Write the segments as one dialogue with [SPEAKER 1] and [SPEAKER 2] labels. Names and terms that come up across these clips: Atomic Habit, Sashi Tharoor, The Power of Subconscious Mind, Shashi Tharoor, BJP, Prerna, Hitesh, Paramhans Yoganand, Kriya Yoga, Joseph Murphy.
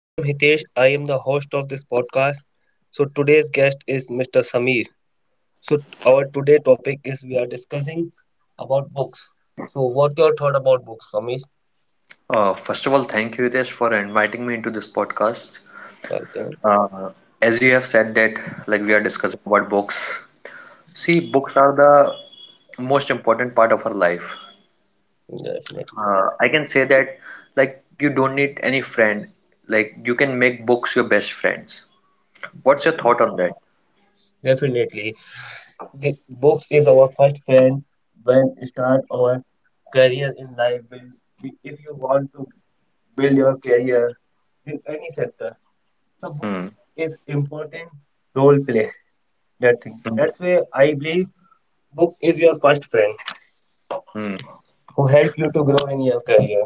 [SPEAKER 1] I am Hitesh. I am the host of this podcast. So today's guest is Mr. Sameer. So our today topic is we are discussing about books. So what your thought about books, Sameer?
[SPEAKER 2] First of all, thank you, Hitesh, for inviting me into this podcast.
[SPEAKER 1] Welcome.
[SPEAKER 2] Uh, as you have said that, like we are discussing about books. See, books are the most important part of our life.
[SPEAKER 1] Definitely,
[SPEAKER 2] I can say that, like you don't need any friend. Like you can make books your best friends. What's your thought on
[SPEAKER 1] definitely,
[SPEAKER 2] that?
[SPEAKER 1] definitely. The books is our first friend when start our career in life. If you want to build your career in any sector, the book
[SPEAKER 2] Hmm.
[SPEAKER 1] is important role play that thing.
[SPEAKER 2] Hmm.
[SPEAKER 1] That's why I believe book is your first friend
[SPEAKER 2] Hmm.
[SPEAKER 1] who help you to grow in your career.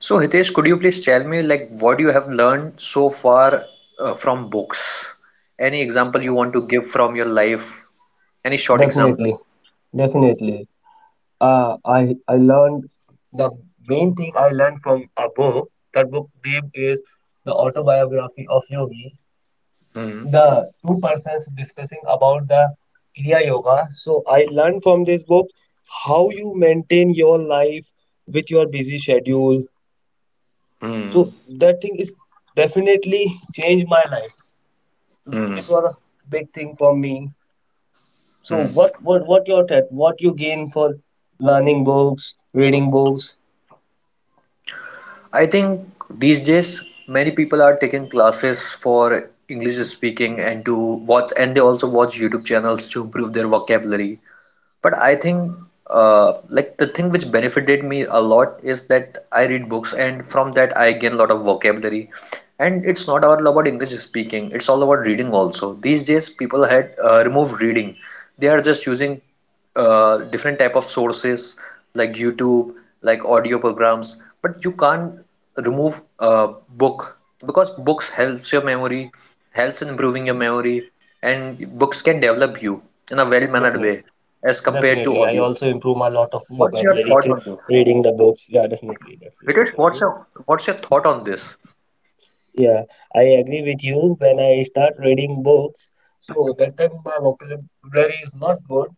[SPEAKER 2] So, Hitesh, could you please tell me, like, what you have learned so far from books? Any example you want to give from your life? Any short example?
[SPEAKER 1] Definitely, definitely. I learned the main thing I learned from a book. That book name is The Autobiography of Yogi.
[SPEAKER 2] Hmm.
[SPEAKER 1] The two persons discussing about the Kriya Yoga. So I learned from this book how you maintain your life with your busy schedule.
[SPEAKER 2] Hmm.
[SPEAKER 1] So that thing is definitely changed my life.
[SPEAKER 2] Hmm.
[SPEAKER 1] This was a big thing for me. So
[SPEAKER 2] Hmm.
[SPEAKER 1] what your take? What you gain for learning books, reading books?
[SPEAKER 2] I think these days many people are taking classes for English speaking and to watch and they also watch YouTube channels to improve their vocabulary. But I think like the thing which benefited me a lot is that I read books and from that I gain a lot of vocabulary. And it's not all about English speaking, it's all about reading also. These days people had removed reading. They are just using different type of sources like YouTube, like audio programs, but you can't remove a book because books helps your memory, helps in improving your memory, and books can develop you in a well-mannered
[SPEAKER 1] Definitely,
[SPEAKER 2] way as compared to
[SPEAKER 1] definitely. I
[SPEAKER 2] audio.
[SPEAKER 1] also improve a lot of
[SPEAKER 2] What's your
[SPEAKER 1] vocabulary
[SPEAKER 2] thought
[SPEAKER 1] through
[SPEAKER 2] on this?
[SPEAKER 1] reading the books. Yeah, definitely. That's what I
[SPEAKER 2] Because
[SPEAKER 1] told
[SPEAKER 2] what's
[SPEAKER 1] you.
[SPEAKER 2] your what's your thought on this?
[SPEAKER 1] Yeah, I agree with you. When I start reading books, so that time my vocabulary is not good.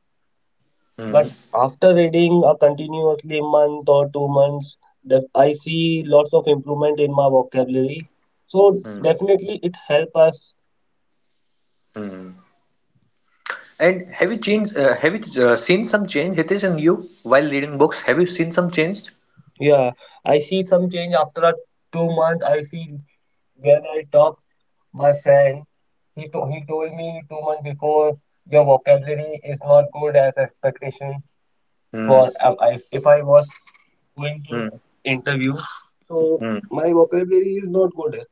[SPEAKER 2] Hmm,
[SPEAKER 1] But
[SPEAKER 2] hmm.
[SPEAKER 1] after reading a continuously month or 2 months, that I see lots of improvement in my vocabulary. So definitely it help us.
[SPEAKER 2] And have you changed? Have you seen some change, Hitesh, in you while reading books? Have you seen some change?
[SPEAKER 1] Yeah, I see some change after a 2 month. I see when I talk my friend, he told me 2 months before your vocabulary is not good as expectation
[SPEAKER 2] Hmm.
[SPEAKER 1] for if I was going to
[SPEAKER 2] Hmm.
[SPEAKER 1] interview. So
[SPEAKER 2] Hmm.
[SPEAKER 1] my vocabulary is not good.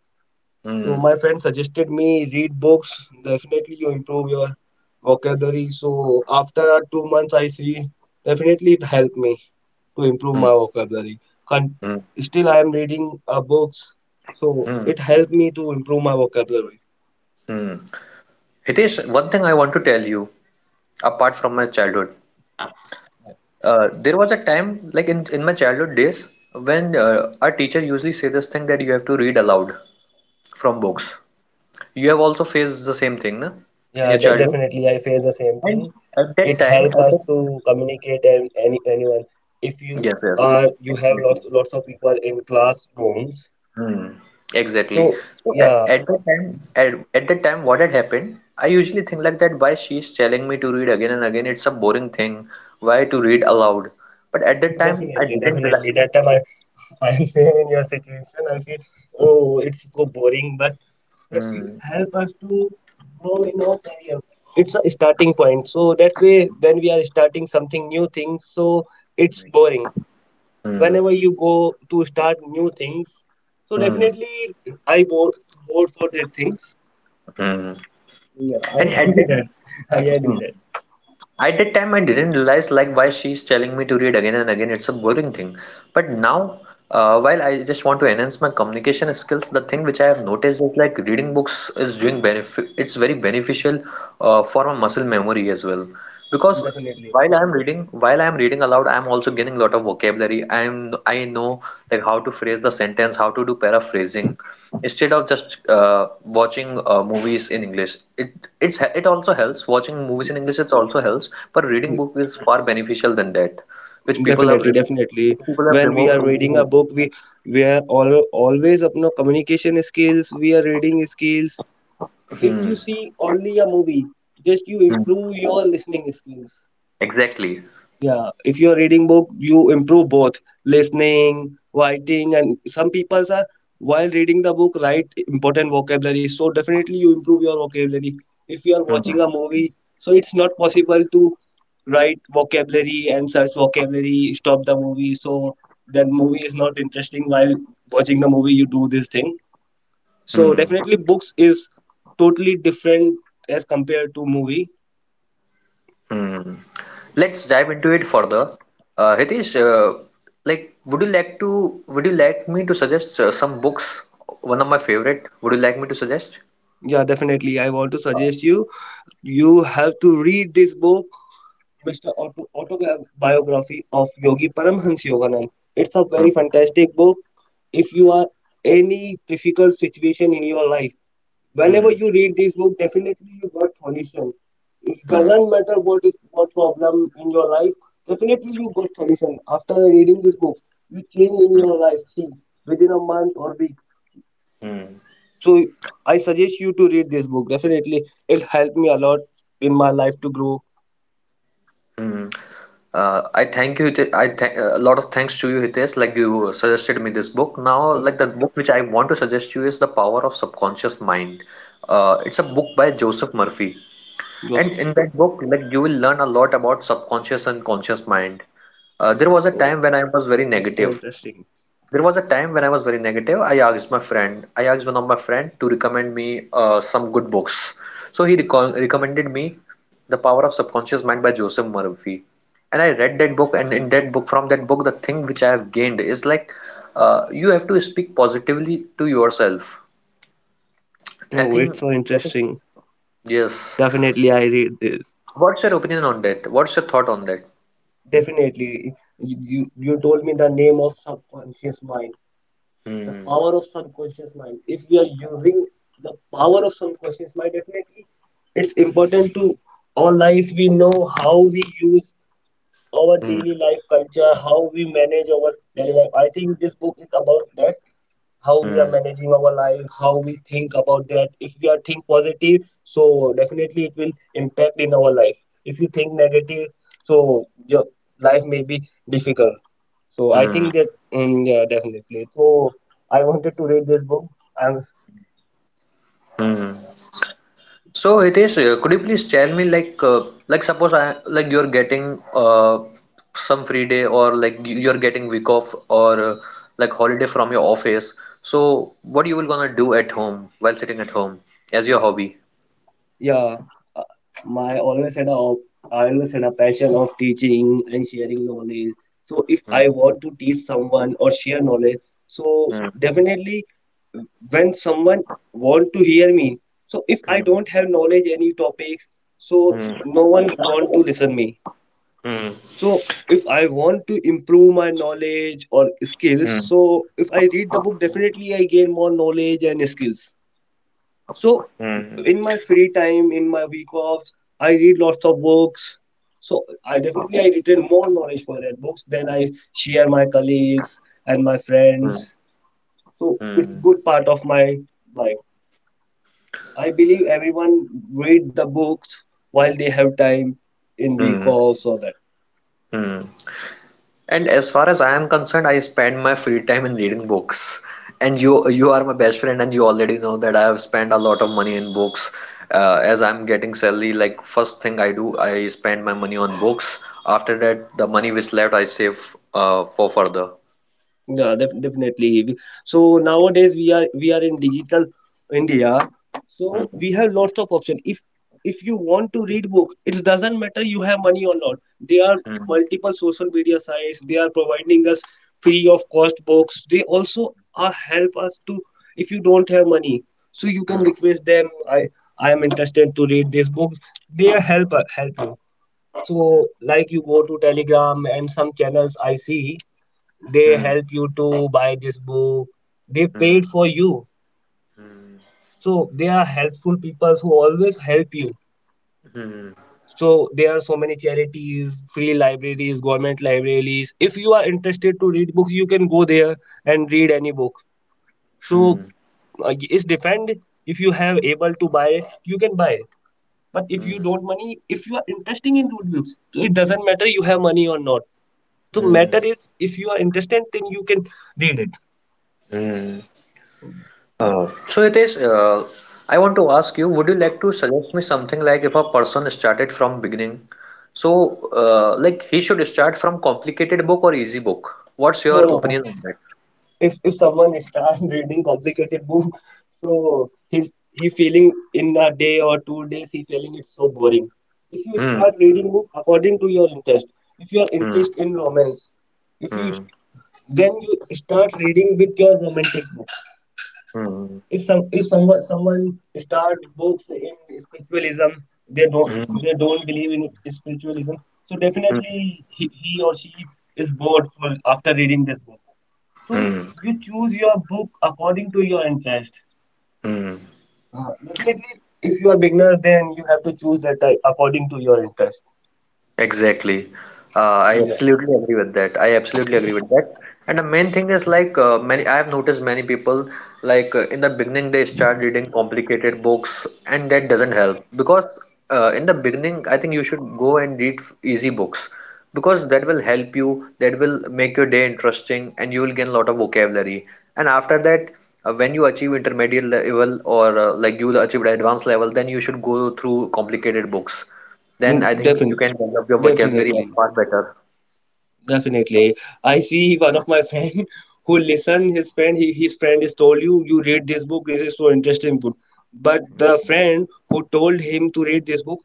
[SPEAKER 1] So
[SPEAKER 2] Hmm.
[SPEAKER 1] my friend suggested me read books. Definitely you improve your vocabulary. So after 2 months, I see definitely it helped me to improve my
[SPEAKER 2] Hmm.
[SPEAKER 1] vocabulary. Con-
[SPEAKER 2] Hmm.
[SPEAKER 1] still, I am reading books, so
[SPEAKER 2] Hmm.
[SPEAKER 1] it helped me to improve my vocabulary.
[SPEAKER 2] Hmm. Hitesh, one thing I want to tell you, apart from my childhood, there was a time, like in my childhood days, when our teacher usually say this thing that you have to read aloud from books. You have also faced the same thing, na? In
[SPEAKER 1] Yeah,
[SPEAKER 2] your
[SPEAKER 1] de-
[SPEAKER 2] childhood?
[SPEAKER 1] definitely I face the same
[SPEAKER 2] And
[SPEAKER 1] thing.
[SPEAKER 2] at that
[SPEAKER 1] It
[SPEAKER 2] time, at
[SPEAKER 1] help us
[SPEAKER 2] that
[SPEAKER 1] to communicate and anyone. If you
[SPEAKER 2] yes, yes,
[SPEAKER 1] uh you have
[SPEAKER 2] exactly.
[SPEAKER 1] lots of people in classrooms,
[SPEAKER 2] Exactly.
[SPEAKER 1] so
[SPEAKER 2] So at,
[SPEAKER 1] yeah,
[SPEAKER 2] at that time, at that time, what had happened? I usually think like that, why she's telling me to read again and again? It's a boring thing. Why to read aloud? But at that time, I
[SPEAKER 1] definitely,
[SPEAKER 2] didn't realize.
[SPEAKER 1] definitely. That time I am same in your situation, I feel, oh, it's so boring, but it
[SPEAKER 2] Hmm,
[SPEAKER 1] help us to grow in our career. It's a starting point. So that's why when we are starting something new thing, so it's boring.
[SPEAKER 2] hmm,
[SPEAKER 1] Whenever you go to start new things, so
[SPEAKER 2] hmm,
[SPEAKER 1] definitely I bored for that things.
[SPEAKER 2] hmm.
[SPEAKER 1] Yeah, I
[SPEAKER 2] And at
[SPEAKER 1] agree
[SPEAKER 2] that,
[SPEAKER 1] that. I agree
[SPEAKER 2] hmm.
[SPEAKER 1] that.
[SPEAKER 2] At that time, I didn't realize like why she's telling me to read again and again. It's a boring thing. But now, while I just want to enhance my communication skills, the thing which I have noticed is like reading books is doing benefit. It's very beneficial for my muscle memory as well. Because
[SPEAKER 1] Definitely.
[SPEAKER 2] while I'm reading aloud, I'm also gaining a lot of vocabulary. I know like how to phrase the sentence, how to do paraphrasing, instead of just watching movies in English. It also helps. Watching movies in English it also helps, but reading book is far beneficial than that, which people have
[SPEAKER 1] Definitely,
[SPEAKER 2] remo-
[SPEAKER 1] definitely.
[SPEAKER 2] which people have
[SPEAKER 1] When we
[SPEAKER 2] removed.
[SPEAKER 1] are reading a
[SPEAKER 2] Removed.
[SPEAKER 1] book, we are always अपना communication skills, we are reading skills. If
[SPEAKER 2] Hmm.
[SPEAKER 1] you see only a movie, just you
[SPEAKER 2] Hmm.
[SPEAKER 1] improve your listening skills.
[SPEAKER 2] Exactly.
[SPEAKER 1] Yeah, if you are reading book, you improve both listening, writing, and some people are while reading the book write important vocabulary. So definitely you improve your vocabulary. If you are
[SPEAKER 2] Hmm.
[SPEAKER 1] watching a movie, so it's not possible to write vocabulary and search vocabulary, stop the movie. So that movie is not interesting while watching the movie. You do this thing. So
[SPEAKER 2] Hmm.
[SPEAKER 1] definitely books is totally different as compared to movie.
[SPEAKER 2] Hmm. Let's dive into it further. Hitesh, like, would you like to? Would you like me to suggest some books? One of my favorite. Would you like me to suggest?
[SPEAKER 1] Yeah, definitely. I want to suggest you. You have to read this book, Mr. Autobiography of Yogi Paramhans Yoganand. It's a very
[SPEAKER 2] Hmm.
[SPEAKER 1] fantastic book. If you are any difficult situation in your life, whenever
[SPEAKER 2] Hmm.
[SPEAKER 1] you read this book, definitely you got solution. It
[SPEAKER 2] Hmm.
[SPEAKER 1] doesn't matter what problem in your life, definitely you got solution. After reading this book, you change in your life. See, within a month or week.
[SPEAKER 2] Hmm.
[SPEAKER 1] So I suggest you to read this book. Definitely, it helped me a lot in my life to grow.
[SPEAKER 2] Hmm. I thank you. I thank a lot of thanks to you, Hitesh. Like you suggested me this book. Now, like the book which I want to suggest you is The Power of Subconscious Mind. It's a book by Joseph Murphy, and
[SPEAKER 1] Joseph.
[SPEAKER 2] in
[SPEAKER 1] No.
[SPEAKER 2] that book, like you will learn a lot about subconscious and conscious mind. There was a
[SPEAKER 1] Oh,
[SPEAKER 2] time when I was very
[SPEAKER 1] it's so
[SPEAKER 2] negative.
[SPEAKER 1] interesting.
[SPEAKER 2] There was a time when I was very negative. I asked my friend, I asked one of my friend to recommend me some good books. So recommended me The Power of Subconscious Mind by Joseph Murphy. And I read that book, and in that book, from that book, the thing which I have gained is like you have to speak positively to yourself. I
[SPEAKER 1] No,
[SPEAKER 2] think,
[SPEAKER 1] it's so interesting.
[SPEAKER 2] yes.
[SPEAKER 1] Definitely, I read this.
[SPEAKER 2] What's your opinion on that? What's your thought on that?
[SPEAKER 1] Definitely, you told me the name of subconscious mind, the
[SPEAKER 2] Hmm.
[SPEAKER 1] power of subconscious mind. If we are using the power of subconscious mind, definitely, it's important to our life. We know how we use our
[SPEAKER 2] Hmm.
[SPEAKER 1] daily life culture, how we manage our daily life. I think this book is about that, how we are
[SPEAKER 2] Hmm.
[SPEAKER 1] managing our life, how we think about that. If we are think positive, so definitely it will impact in our life. If you think negative, so your life may be difficult. So I
[SPEAKER 2] Hmm.
[SPEAKER 1] think that, mm, yeah, definitely. So I wanted to read this book. I'm
[SPEAKER 2] Hmm. So Hitesh, could you please tell me like suppose I like you're getting some free day or like you're getting week off or like holiday from your office. So what you will gonna do at home while sitting at home as your hobby?
[SPEAKER 1] Yeah. Uh, my always had a i always had a passion of teaching and sharing knowledge. So if
[SPEAKER 2] Hmm,
[SPEAKER 1] I want to teach someone or share knowledge, so
[SPEAKER 2] hmm,
[SPEAKER 1] definitely, when someone want to hear me, so if I
[SPEAKER 2] hmm,
[SPEAKER 1] don't have knowledge any topics, so no one want to listen me.
[SPEAKER 2] hmm,
[SPEAKER 1] So if I want to improve my knowledge or
[SPEAKER 2] hmm,
[SPEAKER 1] skills, so if I read the book, definitely I gain more knowledge and skills.
[SPEAKER 2] hmm,
[SPEAKER 1] So in my free time, in my week offs, I read lots of books, so I definitely I retain more knowledge for that books. Then I share my colleagues and
[SPEAKER 2] hmm,
[SPEAKER 1] my
[SPEAKER 2] hmm,
[SPEAKER 1] friends,
[SPEAKER 2] hmm,
[SPEAKER 1] so it's good part of my life. I believe everyone read the books while they have time in
[SPEAKER 2] hmm,
[SPEAKER 1] week offs or that.
[SPEAKER 2] hmm. And as far as I am concerned, I spend my free time in reading books. And you are my best friend, and you already know that I have spent a lot of money in books. As I'm getting salary, like first thing I do, I spend my money on books. After that, the money which left, I save for further.
[SPEAKER 1] Yeah, definitely. So nowadays we are in digital India, so
[SPEAKER 2] Hmm,
[SPEAKER 1] we have lots of option. If you want to read book, it doesn't matter you have money or not. There are
[SPEAKER 2] hmm,
[SPEAKER 1] multiple social media sites. They are providing us free of cost books. They also are help us to, if you don't have money, so you can
[SPEAKER 2] hmm,
[SPEAKER 1] request them. I am interested to read this book. They help you. So like you go to Telegram and some channels I see they
[SPEAKER 2] hmm,
[SPEAKER 1] help you to buy this book. They
[SPEAKER 2] hmm, hmm,
[SPEAKER 1] paid for you. So they are helpful people who always help you.
[SPEAKER 2] hmm, hmm,
[SPEAKER 1] So there are so many charities, free libraries, government libraries. If you are interested to read books, you can go there and read any book. So
[SPEAKER 2] hmm,
[SPEAKER 1] it's defend. If you have able to buy it, you can buy it. But if you
[SPEAKER 2] hmm,
[SPEAKER 1] don't money, if you are interested in good books, so it doesn't matter you have money or not. So
[SPEAKER 2] hmm.
[SPEAKER 1] matter is, if you are interested, then you can read it.
[SPEAKER 2] Hmm. So it is. I want to ask you, would you like to suggest me something like if a person started from beginning? So, like he should start from complicated book or easy book? What's your
[SPEAKER 1] No, no.
[SPEAKER 2] opinion on that?
[SPEAKER 1] If someone starts reading complicated book, so he feeling in a day or 2 days he feeling it's so boring. If you
[SPEAKER 2] Hmm.
[SPEAKER 1] start reading book according to your interest, if you are
[SPEAKER 2] Hmm.
[SPEAKER 1] interest in romance, if you
[SPEAKER 2] Hmm.
[SPEAKER 1] then you start reading with your romantic book.
[SPEAKER 2] Hmm.
[SPEAKER 1] If someone start books in spiritualism, they don't
[SPEAKER 2] Hmm.
[SPEAKER 1] they don't believe in spiritualism. So
[SPEAKER 2] Hmm.
[SPEAKER 1] definitely he or she is bored for after reading this book. So
[SPEAKER 2] Hmm.
[SPEAKER 1] you choose your book according to your interest.
[SPEAKER 2] Hmm.
[SPEAKER 1] Uh, Definitely, if you are beginner, then you have to choose that type according to your interest.
[SPEAKER 2] Exactly. Uh, I
[SPEAKER 1] Yeah,
[SPEAKER 2] absolutely agree with that. I absolutely agree with that. And the main thing is like many I have noticed many people like in the beginning they start reading complicated books and that doesn't help because in the beginning I think you should go and read easy books because that will help you that will make your day interesting and you will gain a lot of vocabulary and after that when you achieve intermediate level or like you achieved advanced level then you should go through complicated books then I think you
[SPEAKER 1] Definitely,
[SPEAKER 2] can develop your vocabulary
[SPEAKER 1] definitely,
[SPEAKER 2] far better.
[SPEAKER 1] definitely. I see one of my friend who listened. His friend, his friend is told you, read this book. This is so interesting book. But the friend who told him to read this book,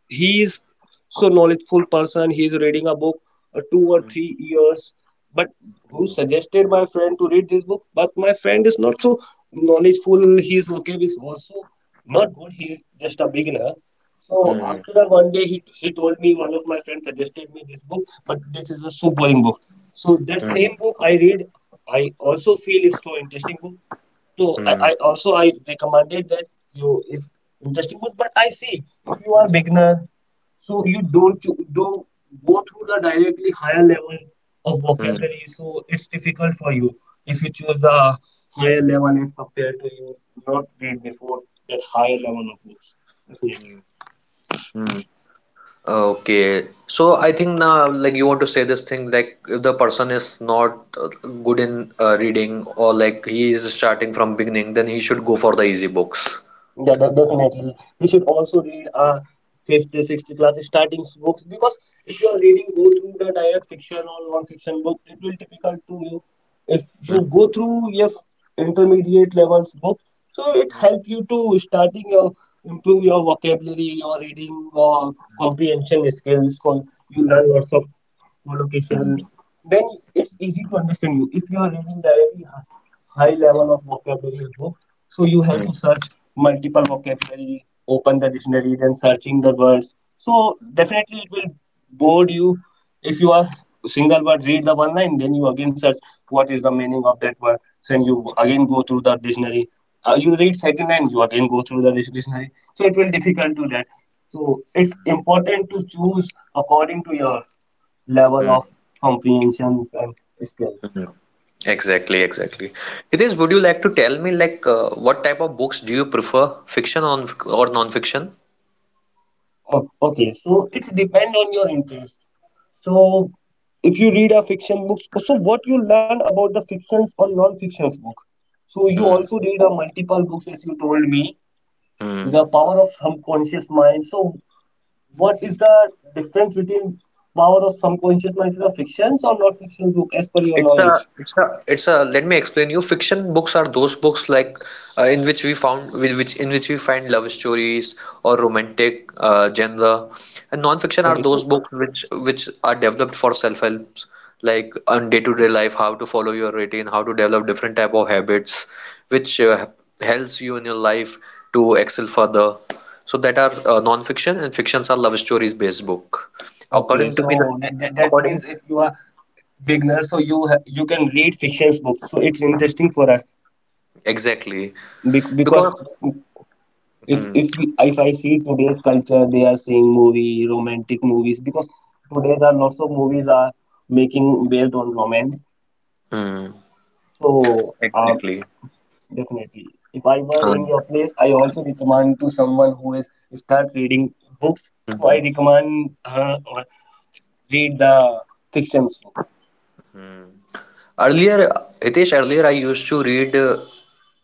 [SPEAKER 1] he is so knowledgeful person. He is reading a book 2 or 3 years, but who suggested my friend to read this book. But my friend is not so knowledgeful. His vocab is also not good. He is just a beginner. So
[SPEAKER 2] Hmm.
[SPEAKER 1] after one day he told me one of my friends suggested me this book. But this is a so boring book. So that
[SPEAKER 2] Hmm.
[SPEAKER 1] same book I read, I also feel is so interesting book. So
[SPEAKER 2] Hmm,
[SPEAKER 1] I also I recommended that you is interesting book. But I see if you are beginner, so you don't go through the directly higher level of
[SPEAKER 2] hmm,
[SPEAKER 1] vocabulary, so it's difficult for you. If you choose the higher level as compared to you, not read before that higher level of books. Definitely.
[SPEAKER 2] hmm. Okay. So I think now, like you want to say this thing, like if the person is not good in reading or like he is starting from beginning, then he should go for the easy books.
[SPEAKER 1] Yeah, definitely. You should also read fifth, sixth class starting books because if you are reading go through the direct fiction or non-fiction book, it will difficult to you. If you
[SPEAKER 2] Hmm,
[SPEAKER 1] go through your intermediate levels book, so it help you to starting your improve your vocabulary, your reading, or comprehension skills. You learn lots of
[SPEAKER 2] hmm,
[SPEAKER 1] collocations. Then it's easy to understand you if you are reading directly high level of vocabularies book. So you have
[SPEAKER 2] hmm,
[SPEAKER 1] to search multiple vocabulary, open the dictionary, then searching the words. So definitely it will bore you if you are single word read the one line, then you again search what is the meaning of that word. So then you again go through the dictionary. You read second line, you again go through the dictionary. So it will difficult to that. So it's important to choose according to your level of
[SPEAKER 2] hmm,
[SPEAKER 1] comprehensions and skills.
[SPEAKER 2] hmm. Exactly, exactly. Hitesh, would you like to tell me like what type of books do you prefer, fiction on or non-fiction?
[SPEAKER 1] Oh, okay, so it's depend on your interest. So if you read a fiction books, so what you learn about the fictions or non-fictions book. So you
[SPEAKER 2] Hmm,
[SPEAKER 1] also read a multiple books as you told me,
[SPEAKER 2] hmm.
[SPEAKER 1] the power of subconscious mind. So what is the difference between power of subconscious mind is the fictions or non-fictions book as per your
[SPEAKER 2] It's a,
[SPEAKER 1] knowledge?
[SPEAKER 2] it's a, it's a. Let me explain you. Fiction books are those books like in which we found, with which in which we find love stories or romantic genre, and non-fiction are
[SPEAKER 1] Okay,
[SPEAKER 2] those
[SPEAKER 1] so
[SPEAKER 2] books which are developed for self-help, like on day-to-day life, how to follow your routine, how to develop different type of habits, which helps you in your life to excel further. So that are non-fiction and fictions are love stories based book.
[SPEAKER 1] okay,
[SPEAKER 2] According to me, the
[SPEAKER 1] so that means
[SPEAKER 2] according
[SPEAKER 1] if you are beginner, so you can read fictions books. So it's interesting for us
[SPEAKER 2] exactly
[SPEAKER 1] because
[SPEAKER 2] because
[SPEAKER 1] if
[SPEAKER 2] hmm.
[SPEAKER 1] if we if I see today's culture, they are seeing movie, romantic movies because today's are lots of movies are making based on romance.
[SPEAKER 2] Hmm.
[SPEAKER 1] So
[SPEAKER 2] Exactly.
[SPEAKER 1] definitely, if I were in
[SPEAKER 2] Um,
[SPEAKER 1] your place, I also recommend to someone who is start reading books. So I
[SPEAKER 2] mhm.
[SPEAKER 1] recommend her or read the fictions book.
[SPEAKER 2] Earlier, Hitesh, earlier I used to read uh,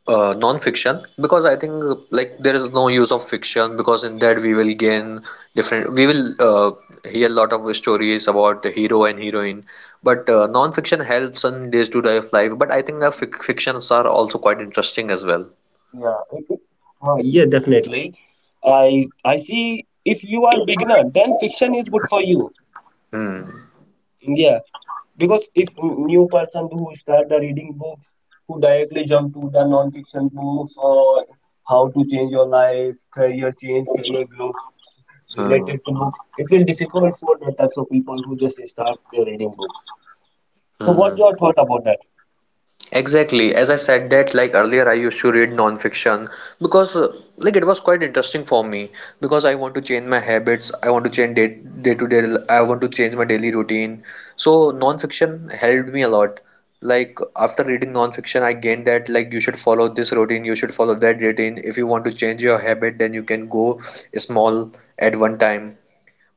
[SPEAKER 2] uh, non-fiction because I think like there is no use of fiction because in that we will gain different we will hear a lot of stories about the hero and heroine but non-fiction helps in days to day of life but I think the fictions are also quite interesting as well.
[SPEAKER 1] Yeah, it- it- yeah, definitely. I see. If you are beginner, then fiction is good for you.
[SPEAKER 2] Hmm.
[SPEAKER 1] Yeah, because if n- new person who start the reading books, who directly jump to the non-fiction books or how to change your life, career change, career growth
[SPEAKER 2] Hmm.
[SPEAKER 1] related to books, it will difficult for the types of people who just start their reading books. So, what
[SPEAKER 2] Hmm.
[SPEAKER 1] your thought about that?
[SPEAKER 2] Exactly. As I said that like earlier I used to read non-fiction because like it was quite interesting for me because I want to change my habits, I want to change day day to day I want to change my daily routine. So non-fiction helped me a lot. Like after reading non-fiction I gained that like you should follow this routine, you should follow that routine. If you want to change your habit then you can go small at one time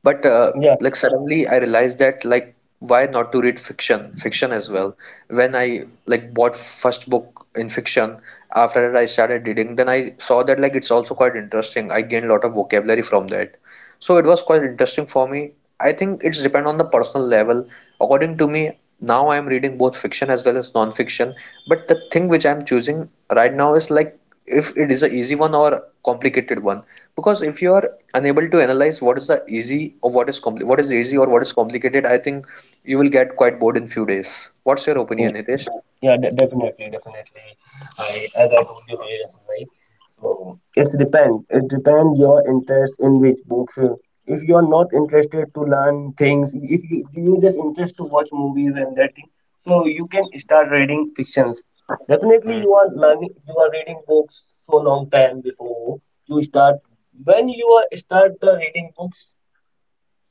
[SPEAKER 2] but
[SPEAKER 1] Yeah,
[SPEAKER 2] like suddenly I realized that like why not to read fiction as well. When I like bought first book in fiction, after that I started reading, then I saw that like it's also quite interesting. I gained a lot of vocabulary from that. So it was quite interesting for me. I think it's depend on the personal level. According to me, now I am reading both fiction as well as non-fiction. But the thing which I am choosing right now is like if it is a easy one or complicated one. Because if you are unable to analyze what is the easy or what is easy or what is complicated, I think you will get quite bored in few days. What's your opinion, Hitesh?
[SPEAKER 1] Definitely. I, as I told you earlier, right? So it's depend. It depends your interest in which books. If you are not interested to learn things, if you you just interest to watch movies and that thing, so you can start reading fictions. Definitely, you are learning. You are reading books so long time before you start. When you are start the reading books,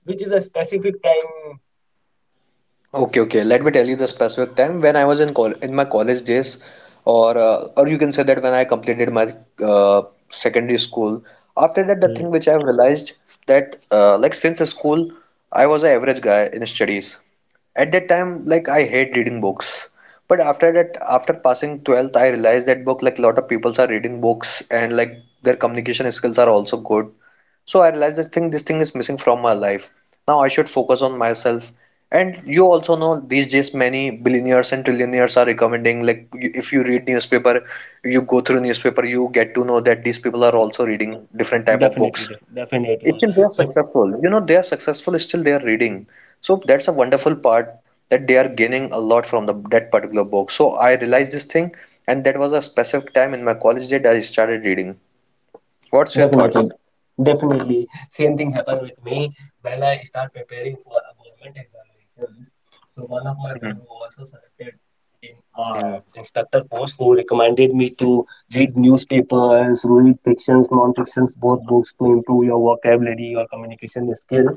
[SPEAKER 1] which is a specific time.
[SPEAKER 2] Okay, okay. Let me tell you the specific time when I was in my college days, or you can say that when I completed my uh, secondary school. After that, the
[SPEAKER 1] Mm.
[SPEAKER 2] thing which I have realized that like since school, I was an average guy in studies. At that time, like I hate reading books. But after that, after passing 12th, I realized that book like a lot of people are reading books and like their communication skills are also good. So I realized this thing is missing from my life. Now I should focus on myself. And you also know these days many billionaires and trillionaires are recommending like if you read newspaper, you go through newspaper, you get to know that these people are also reading different type of books.
[SPEAKER 1] Definitely.
[SPEAKER 2] Still they are
[SPEAKER 1] In
[SPEAKER 2] successful, they are successful. Still they are reading, so that's a wonderful part, that they are gaining a lot from the that particular book. So I realized this thing, and that was a specific time in my college that I started reading. What's your thought?
[SPEAKER 1] definitely, definitely. Same thing happened with me when I start preparing for a government examinations. So one of my
[SPEAKER 2] Hmm.
[SPEAKER 1] friend who also selected in uh,
[SPEAKER 2] Hmm.
[SPEAKER 1] inspector post who recommended me to read newspapers, read fictions, non-fictions, both books to improve your vocabulary, your communication skill.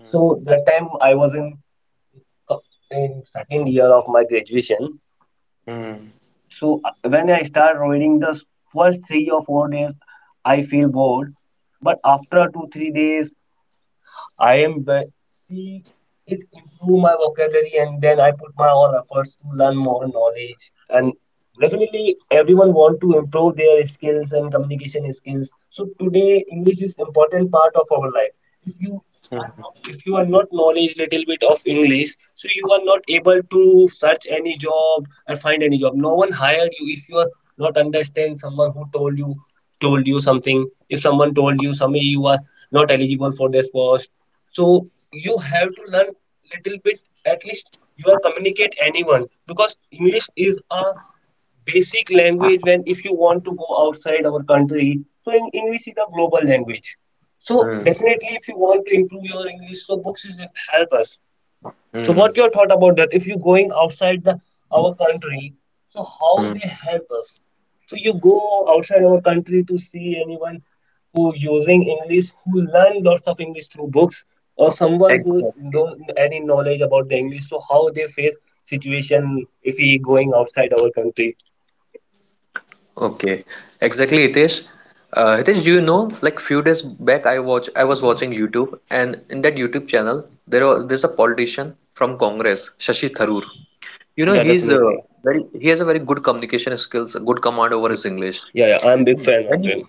[SPEAKER 1] So that time I was in co- in second year of my graduation.
[SPEAKER 2] Hmm.
[SPEAKER 1] So when I start reading the first 3 or 4 days, I feel bored. But after two, 3 days, see it improve my vocabulary and then I put my all efforts to learn more knowledge. And definitely everyone want to improve their skills and communication skills. So today English is important part of our life. If you are
[SPEAKER 2] Hmm.
[SPEAKER 1] not if you are not knowledge little bit of English, so you are not able to search any job or find any job. No one hired you if you are not understand someone who told you something. If someone told you something you are not eligible for this post so you have to learn little bit at least you are communicate anyone because English is a basic language when if you want to go outside our country so in English is a global language so
[SPEAKER 2] Hmm.
[SPEAKER 1] definitely if you want to improve your English so books is help us. So
[SPEAKER 2] Hmm.
[SPEAKER 1] what your thought about that? If you're going outside the our country, so how
[SPEAKER 2] Hmm.
[SPEAKER 1] they help us? So you go outside our country to see anyone who using English, who learn lots of English through books, or someone who
[SPEAKER 2] Exactly.
[SPEAKER 1] don't any knowledge about the English. So how they face situation if he going outside our country?
[SPEAKER 2] Okay. Exactly, Hitesh. Hitesh, do you know, like few days back, I was watching YouTube, and in that YouTube channel, there's a politician from Congress, Shashi Tharoor. You know,
[SPEAKER 1] Yeah, definitely.
[SPEAKER 2] he has a very good communication skills, a good command over his English.
[SPEAKER 1] Yeah, yeah, I'm big
[SPEAKER 2] And
[SPEAKER 1] fan
[SPEAKER 2] When
[SPEAKER 1] of
[SPEAKER 2] he,
[SPEAKER 1] him.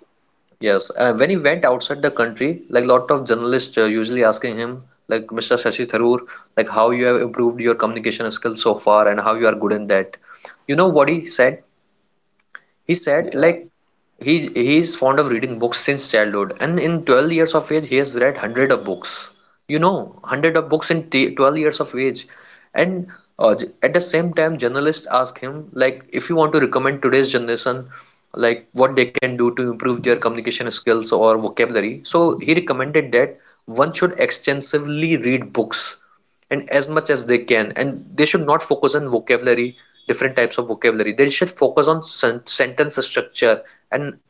[SPEAKER 2] yes, uh, when he went outside the country, like lot of journalists usually asking him, like Mr. Shashi Tharoor, like how you have improved your communication skills so far and how you are good in that. You know what he said? He said,
[SPEAKER 1] Yeah,
[SPEAKER 2] like, he is fond of reading books since childhood, and in 12 years of age, he has read 100 of books. You know, 100 of books in t 12 years of age. And at the same time, journalists ask him, like, if you want to recommend today's generation, like, what they can do to improve their communication skills or vocabulary. So he recommended that one should extensively read books and as much as they can, and they should not focus on vocabulary, different types of vocabulary. They should focus on sentence structure, and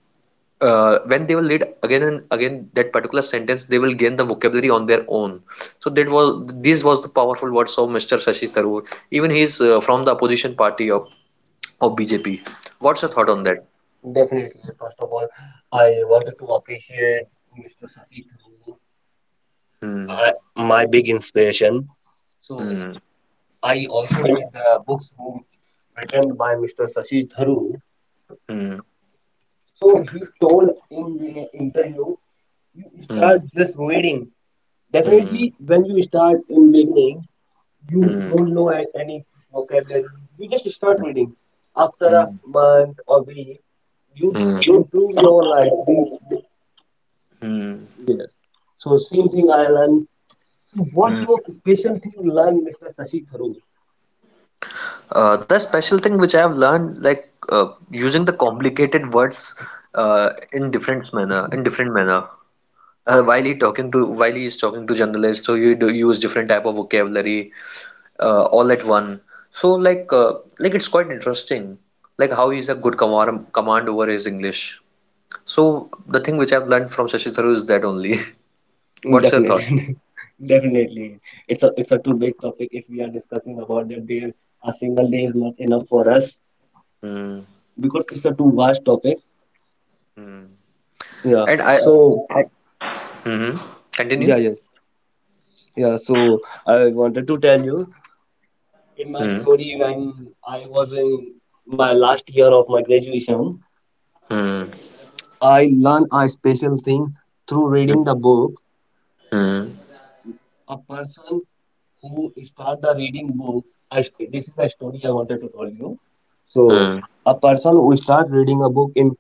[SPEAKER 2] when they will read again and again that particular sentence, they will gain the vocabulary on their own. So that was this was the powerful words of Mr. Shashi Tharoor. Even he is from the opposition party of BJP. What's your thought on
[SPEAKER 1] definitely.
[SPEAKER 2] that?
[SPEAKER 1] Definitely. First of all, I wanted to appreciate Mr. Sasi Tharoor,
[SPEAKER 2] Hmm.
[SPEAKER 1] I, my big inspiration. So
[SPEAKER 2] Hmm.
[SPEAKER 1] I also read the books written by Mr. Sashi Tharoor.
[SPEAKER 2] Hmm.
[SPEAKER 1] So he told in the interview, you
[SPEAKER 2] Hmm.
[SPEAKER 1] start just reading.
[SPEAKER 2] Hmm.
[SPEAKER 1] Definitely, when you start in beginning, you
[SPEAKER 2] Hmm.
[SPEAKER 1] don't any vocabulary. You just start reading. After a
[SPEAKER 2] Hmm.
[SPEAKER 1] month or week, you
[SPEAKER 2] Hmm.
[SPEAKER 1] improve your life.
[SPEAKER 2] Hmm.
[SPEAKER 1] Yeah. So same thing I learned. So what your special thing learn, Mr. Sashi Tharoor?
[SPEAKER 2] The special thing which I have learned, like using the complicated words in different manner, in different manner. While he talking to while he is talking to journalists, so you do use different type of vocabulary all at one. So like it's quite interesting, like how he's a good command over his English. So the thing which I've learned from Shashi Tharoor is that only.
[SPEAKER 1] Mm.
[SPEAKER 2] What's your thought?
[SPEAKER 1] Definitely, definitely. It's a too big topic if we are discussing about that there a single day is not enough for us
[SPEAKER 2] Hmm.
[SPEAKER 1] because it's a too vast topic.
[SPEAKER 2] Hmm.
[SPEAKER 1] Yeah.
[SPEAKER 2] And I,
[SPEAKER 1] So
[SPEAKER 2] I hmm.
[SPEAKER 1] yeah,
[SPEAKER 2] Continue.
[SPEAKER 1] yeah, yeah. So I wanted to tell you in my
[SPEAKER 2] Hmm.
[SPEAKER 1] story when I was in my last year of my graduation,
[SPEAKER 2] Hmm.
[SPEAKER 1] I learned a special thing through
[SPEAKER 2] Hmm.
[SPEAKER 1] reading the book,
[SPEAKER 2] Hmm.
[SPEAKER 1] a person who start the reading book. This is a story I wanted to tell you. So,
[SPEAKER 2] Hmm.
[SPEAKER 1] a person who start reading a book in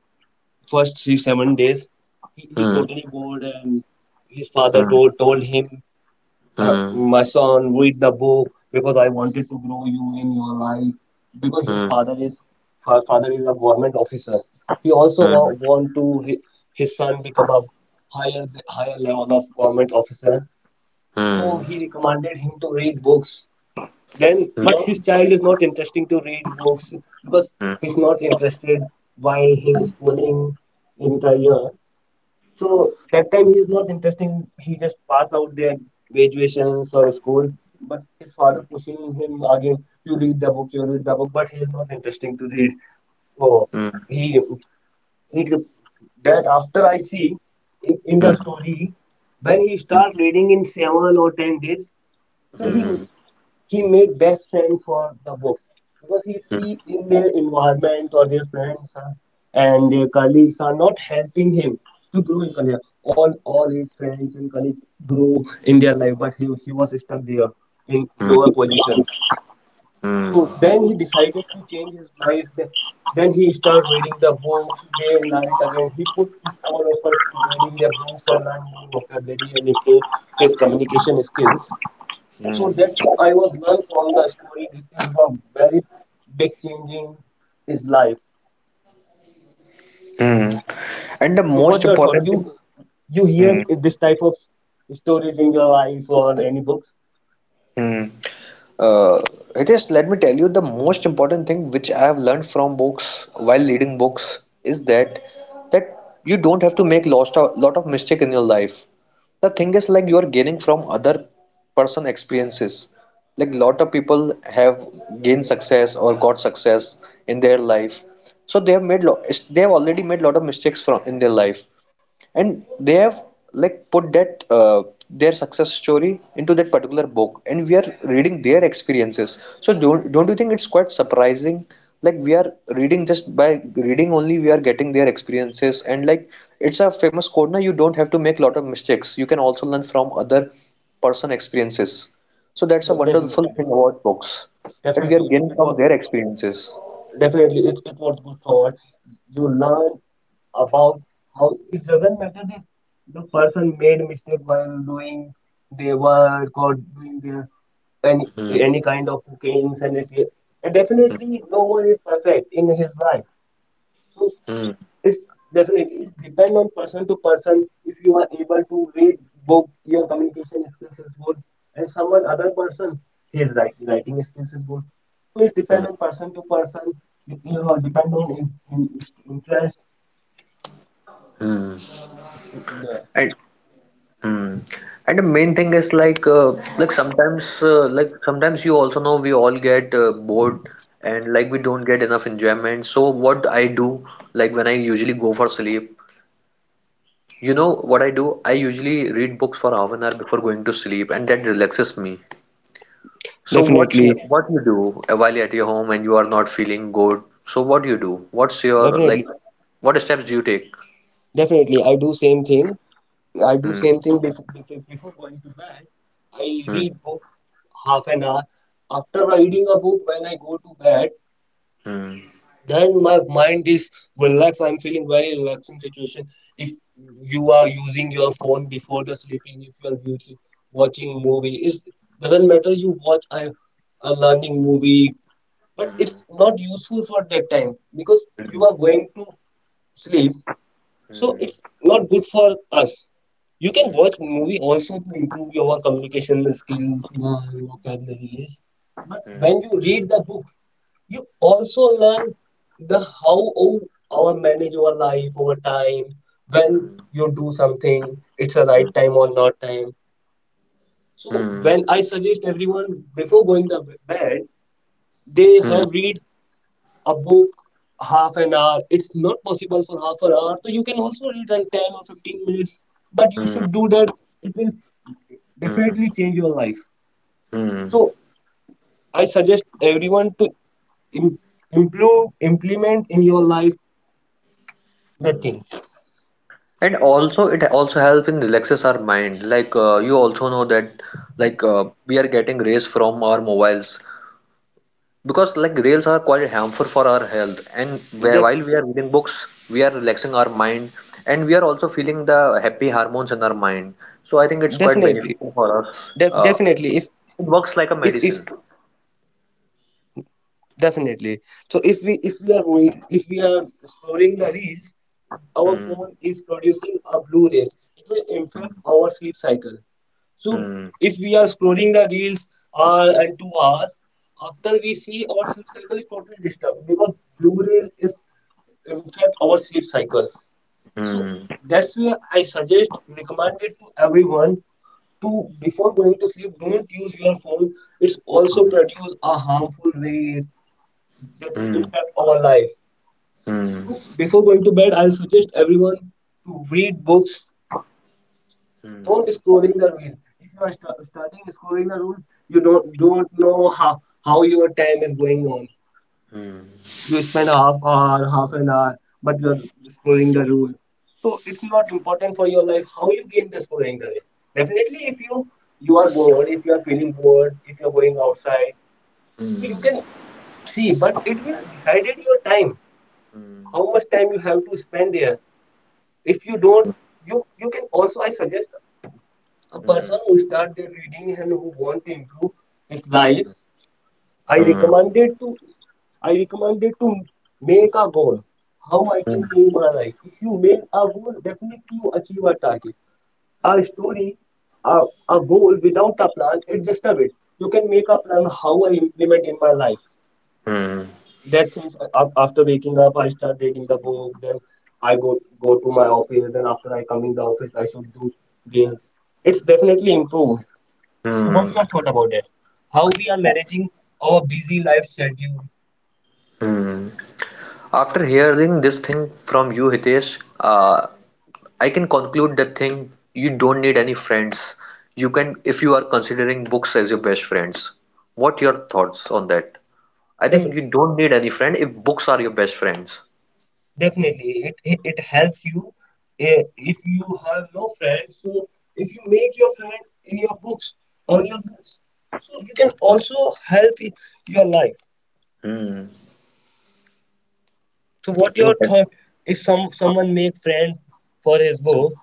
[SPEAKER 1] first 3 7 days, he is
[SPEAKER 2] Mm,
[SPEAKER 1] totally bored, and his father
[SPEAKER 2] mm,
[SPEAKER 1] told him, uh,
[SPEAKER 2] mm,
[SPEAKER 1] "My son, read the book because I wanted to grow you in your life." Because his
[SPEAKER 2] mm,
[SPEAKER 1] father is her father is a government officer. He
[SPEAKER 2] mm,
[SPEAKER 1] also
[SPEAKER 2] mm,
[SPEAKER 1] want to his son become a higher higher level of government officer,
[SPEAKER 2] mm,
[SPEAKER 1] so he recommended him to read books. Then
[SPEAKER 2] yeah.
[SPEAKER 1] but his child is not interesting to read books because
[SPEAKER 2] Mm,
[SPEAKER 1] he's not interested while he's schooling in the year. So that time he is not interesting, he just pass out their graduations or school, but his father pushing him again. You read the book, you read the book, but he is not interesting to read. So
[SPEAKER 2] mm,
[SPEAKER 1] he he that after I see in
[SPEAKER 2] mm,
[SPEAKER 1] the story when he start reading in 7 or 10 days, so he
[SPEAKER 2] mm,
[SPEAKER 1] he made best friend for the books, because he
[SPEAKER 2] mm,
[SPEAKER 1] see in their environment or their friends are, and their colleagues are not helping him to grow in career. All his friends and colleagues grew in their life, but he was stuck there in lower position.
[SPEAKER 2] mm,
[SPEAKER 1] So then he decided to change his life. Then he started reading the books day and night again. He put his all efforts to reading the books and learn more vocabulary and improve his communication skills, so that thing I was learned from the story. This is a very big change in his life.
[SPEAKER 2] mm. And the
[SPEAKER 1] So
[SPEAKER 2] most
[SPEAKER 1] what's your thought?
[SPEAKER 2] important,
[SPEAKER 1] You hear
[SPEAKER 2] Hmm.
[SPEAKER 1] this type of stories in your life or any books?
[SPEAKER 2] Hmm. Uh, it is, let me tell you, the most important thing which I have learned from books while reading books is that you don't have to make lost a lot of mistake in your life. The thing is like you are gaining from other person experiences. Like lot of people have gained success or got success in their life. So they have made lo they have already made lot of mistakes from in their life, and they have like put that their success story into that particular book, and we are reading their experiences. So don't you think it's quite surprising, like we are reading, just by reading only we are getting their experiences? And like it's a famous quote now, you don't have to make a lot of mistakes, you can also learn from other person experiences. So that's a
[SPEAKER 1] De- Definitely,
[SPEAKER 2] wonderful
[SPEAKER 1] de-
[SPEAKER 2] thing about books, that we are
[SPEAKER 1] definitely. It,
[SPEAKER 2] getting
[SPEAKER 1] it
[SPEAKER 2] from
[SPEAKER 1] was.
[SPEAKER 2] their experiences.
[SPEAKER 1] Definitely, it's it was good forward. You learn about how it doesn't matter if the person made mistake while doing their work or doing their any kind of cookings and it, and definitely no one is perfect in his life. So it's definitely it's depend on person to person if you are able to read book your communication skills is good and someone other person his writing skills is good so it depend on person to person you you know depend on in interest.
[SPEAKER 2] Hmm.
[SPEAKER 1] Yeah.
[SPEAKER 2] And Mm. And the main thing is like like sometimes you also know we all get bored, and like we don't get enough enjoyment. So what I do, like when I usually go for sleep, you know what I do? I usually read books for half an hour before going to sleep, and that relaxes me. So what
[SPEAKER 1] definitely
[SPEAKER 2] what you do while at your home and you are not feeling good? So what you do? What's your like?
[SPEAKER 1] definitely
[SPEAKER 2] What steps do you take?
[SPEAKER 1] definitely i do same thing i do
[SPEAKER 2] Hmm.
[SPEAKER 1] same thing before going to bed I
[SPEAKER 2] Hmm.
[SPEAKER 1] read book half an hour. After reading a book when I go to bed,
[SPEAKER 2] Hmm.
[SPEAKER 1] then my mind is relaxed, I'm feeling very relaxing situation. If you are using your phone before the sleeping, if you are beauty, watching movie, it doesn't matter you watch a learning movie, but it's not useful for that time because you
[SPEAKER 2] Hmm.
[SPEAKER 1] are going to sleep, so
[SPEAKER 2] Hmm.
[SPEAKER 1] it's not good for us. You can
[SPEAKER 2] Hmm.
[SPEAKER 1] watch movie also to improve your communication skills learn vocabularies, but
[SPEAKER 2] Hmm.
[SPEAKER 1] when you read the book you also learn the our manage your life over time. When you do something, it's a
[SPEAKER 2] Hmm.
[SPEAKER 1] right time or not time. So
[SPEAKER 2] Hmm.
[SPEAKER 1] when I suggest everyone before going to bed, they
[SPEAKER 2] Hmm,
[SPEAKER 1] have read a book half an hour. It's not possible for half an hour, so you can also read in 10 or 15 minutes. But you
[SPEAKER 2] hmm,
[SPEAKER 1] should do that. It will
[SPEAKER 2] hmm,
[SPEAKER 1] definitely change your life.
[SPEAKER 2] hmm.
[SPEAKER 1] So I suggest everyone to im- improve implement in your life good things.
[SPEAKER 2] And also, it also helps in relaxes our mind. Like you also know that, like we are getting rays from our mobiles, because like rays are quite harmful for our health. And
[SPEAKER 1] Def-
[SPEAKER 2] while we are reading books, we are relaxing our mind, and we are also feeling the happy hormones in our mind. So I think it's quite
[SPEAKER 1] definitely,
[SPEAKER 2] beneficial for us. It's,
[SPEAKER 1] definitely.
[SPEAKER 2] it works like a
[SPEAKER 1] If
[SPEAKER 2] medicine.
[SPEAKER 1] definitely. So if we are if we are scrolling the reels, our
[SPEAKER 2] Hmm,
[SPEAKER 1] phone is producing a blue rays. It will impact our sleep cycle. So
[SPEAKER 2] hmm,
[SPEAKER 1] if we are scrolling the reels hour and 2 hours, after we see our sleep cycle is totally disturbed because blue rays is impact our sleep cycle. So
[SPEAKER 2] hmm,
[SPEAKER 1] that's where I suggest, recommend it to everyone to before going to sleep, don't use your phone. It's also produce a harmful rays that will
[SPEAKER 2] hmm,
[SPEAKER 1] impact our life.
[SPEAKER 2] hmm,
[SPEAKER 1] So before going to bed, I'll suggest everyone to read books. Don't
[SPEAKER 2] hmm,
[SPEAKER 1] scrolling the reel. If you are starting scrolling the reel, you don't know how your time is going on.
[SPEAKER 2] hmm,
[SPEAKER 1] You spend half an hour, but you're following the rule, so it's not important for your life how you gain the scoring the way. Definitely if you are bored, if you are feeling bored, if you're going outside, so you can
[SPEAKER 2] hmm.
[SPEAKER 1] see, but it will decided your time
[SPEAKER 2] Hmm,
[SPEAKER 1] how much time you have to spend there. If you don't, you can also I suggest a person who start their reading and who want to improve his life, I
[SPEAKER 2] hmm,
[SPEAKER 1] recommended to I recommended to make a goal. How I can change my life. If you make a goal, definitely you achieve a target. A story, a, a goal without a plan, it's just a bit. You can make a plan how I implement in my life.
[SPEAKER 2] hmm,
[SPEAKER 1] That things after waking up, I start reading the book. Then I go to my office. Then after I come in the office, I should do this. It's definitely improved. So,
[SPEAKER 2] hmm.
[SPEAKER 1] what your thought about that? How we are managing our busy life schedule?
[SPEAKER 2] After hearing this thing from you, Hitesh, I can conclude that thing you don't need any friends. You can, if you are considering books as your best friends. What your thoughts on that? I think
[SPEAKER 1] Definitely.
[SPEAKER 2] you don't need any friend if books are your best friends.
[SPEAKER 1] Definitely, it helps you eh, if you have no friends. So if you make your friend in your books, on your books, so you can also help i- your life.
[SPEAKER 2] Hmm.
[SPEAKER 1] So
[SPEAKER 2] I
[SPEAKER 1] what your
[SPEAKER 2] think that's.
[SPEAKER 1] thought if someone make friend for his book?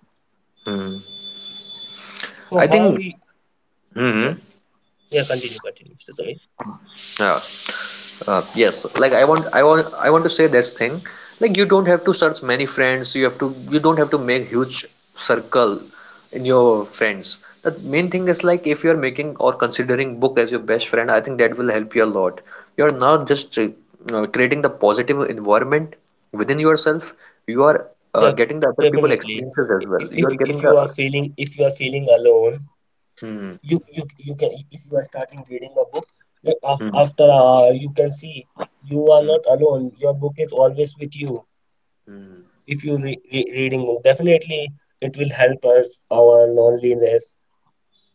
[SPEAKER 2] Hmm.
[SPEAKER 1] So
[SPEAKER 2] I
[SPEAKER 1] how
[SPEAKER 2] think.
[SPEAKER 1] he?
[SPEAKER 2] Hmm.
[SPEAKER 1] Yeah,
[SPEAKER 2] Hmm,
[SPEAKER 1] yeah. Continue, Mr. Sami.
[SPEAKER 2] yeah. Yes, like I want to say this thing. Like you don't have to search many friends. You don't have to make huge circle in your friends. The main thing is like if you are making or considering book as your best friend, I think that will help you a lot. You are not just creating the positive environment within yourself. You are
[SPEAKER 1] Yeah,
[SPEAKER 2] getting the other people
[SPEAKER 1] definitely.
[SPEAKER 2] experiences as well.
[SPEAKER 1] If
[SPEAKER 2] You are getting
[SPEAKER 1] if you are
[SPEAKER 2] the.
[SPEAKER 1] feeling, if you are feeling alone,
[SPEAKER 2] Hmm,
[SPEAKER 1] you can if you are starting reading a book like af-
[SPEAKER 2] hmm,
[SPEAKER 1] after you can see you are
[SPEAKER 2] hmm,
[SPEAKER 1] not alone, your book is always with you. If you reading book definitely it will help us our loneliness,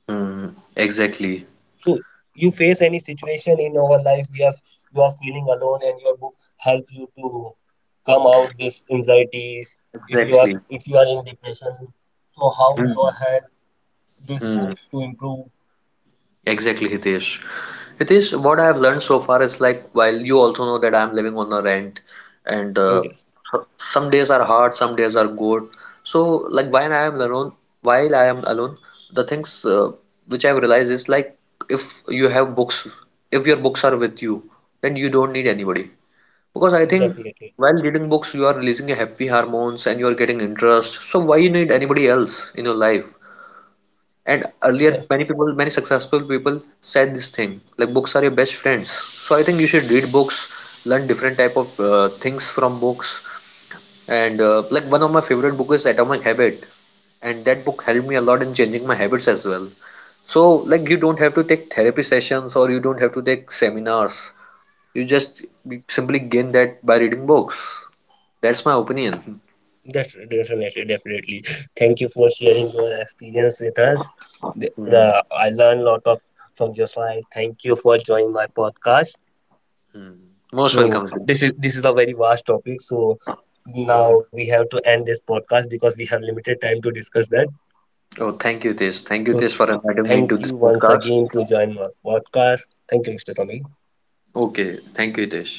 [SPEAKER 2] hmm. Exactly.
[SPEAKER 1] so you face any situation in our life we have you are feeling alone and your book help you to come out this anxieties. If you are
[SPEAKER 2] Exactly.
[SPEAKER 1] if you are in depression, so how you
[SPEAKER 2] Hmm,
[SPEAKER 1] are help these
[SPEAKER 2] hmm.
[SPEAKER 1] books to improve
[SPEAKER 2] Exactly, Hitesh. Hitesh, what I have learned so far is like, while you also know that I'm living on a rent, and uh,
[SPEAKER 1] yes
[SPEAKER 2] so- some days are hard, some days are good. So, like, while I am alone, the things which I've realized is like, if you have books, if your books are with you, then you don't need anybody. Because I think
[SPEAKER 1] definitely.
[SPEAKER 2] while reading books, you are releasing your happy hormones and you are getting interest. So why you need anybody else in your life? And earlier, many successful people said this thing, like books are your best friend. So I think you should read books, learn different type of things from books. And like one of my favorite book is Atomic Habit, and that book helped me a lot in changing my habits as well. So like you don't have to take therapy sessions or you don't have to take seminars. You just simply gain that by reading books. That's my opinion.
[SPEAKER 1] Definitely. Thank you for sharing your experience with us.
[SPEAKER 2] Hmm.
[SPEAKER 1] I learned a lot of from your side. Thank you for joining my podcast.
[SPEAKER 2] Hmm. Most
[SPEAKER 1] So
[SPEAKER 2] welcome.
[SPEAKER 1] this is a very vast topic. So
[SPEAKER 2] Hmm.
[SPEAKER 1] now we have to end this podcast because we have limited time to discuss that.
[SPEAKER 2] Oh, thank you, Hitesh. Thank you,
[SPEAKER 1] So
[SPEAKER 2] Hitesh, for inviting me into
[SPEAKER 1] thank
[SPEAKER 2] this
[SPEAKER 1] you once
[SPEAKER 2] podcast.
[SPEAKER 1] again to join my podcast. Thank you, Mr. Sami.
[SPEAKER 2] Okay, thank you, Hitesh.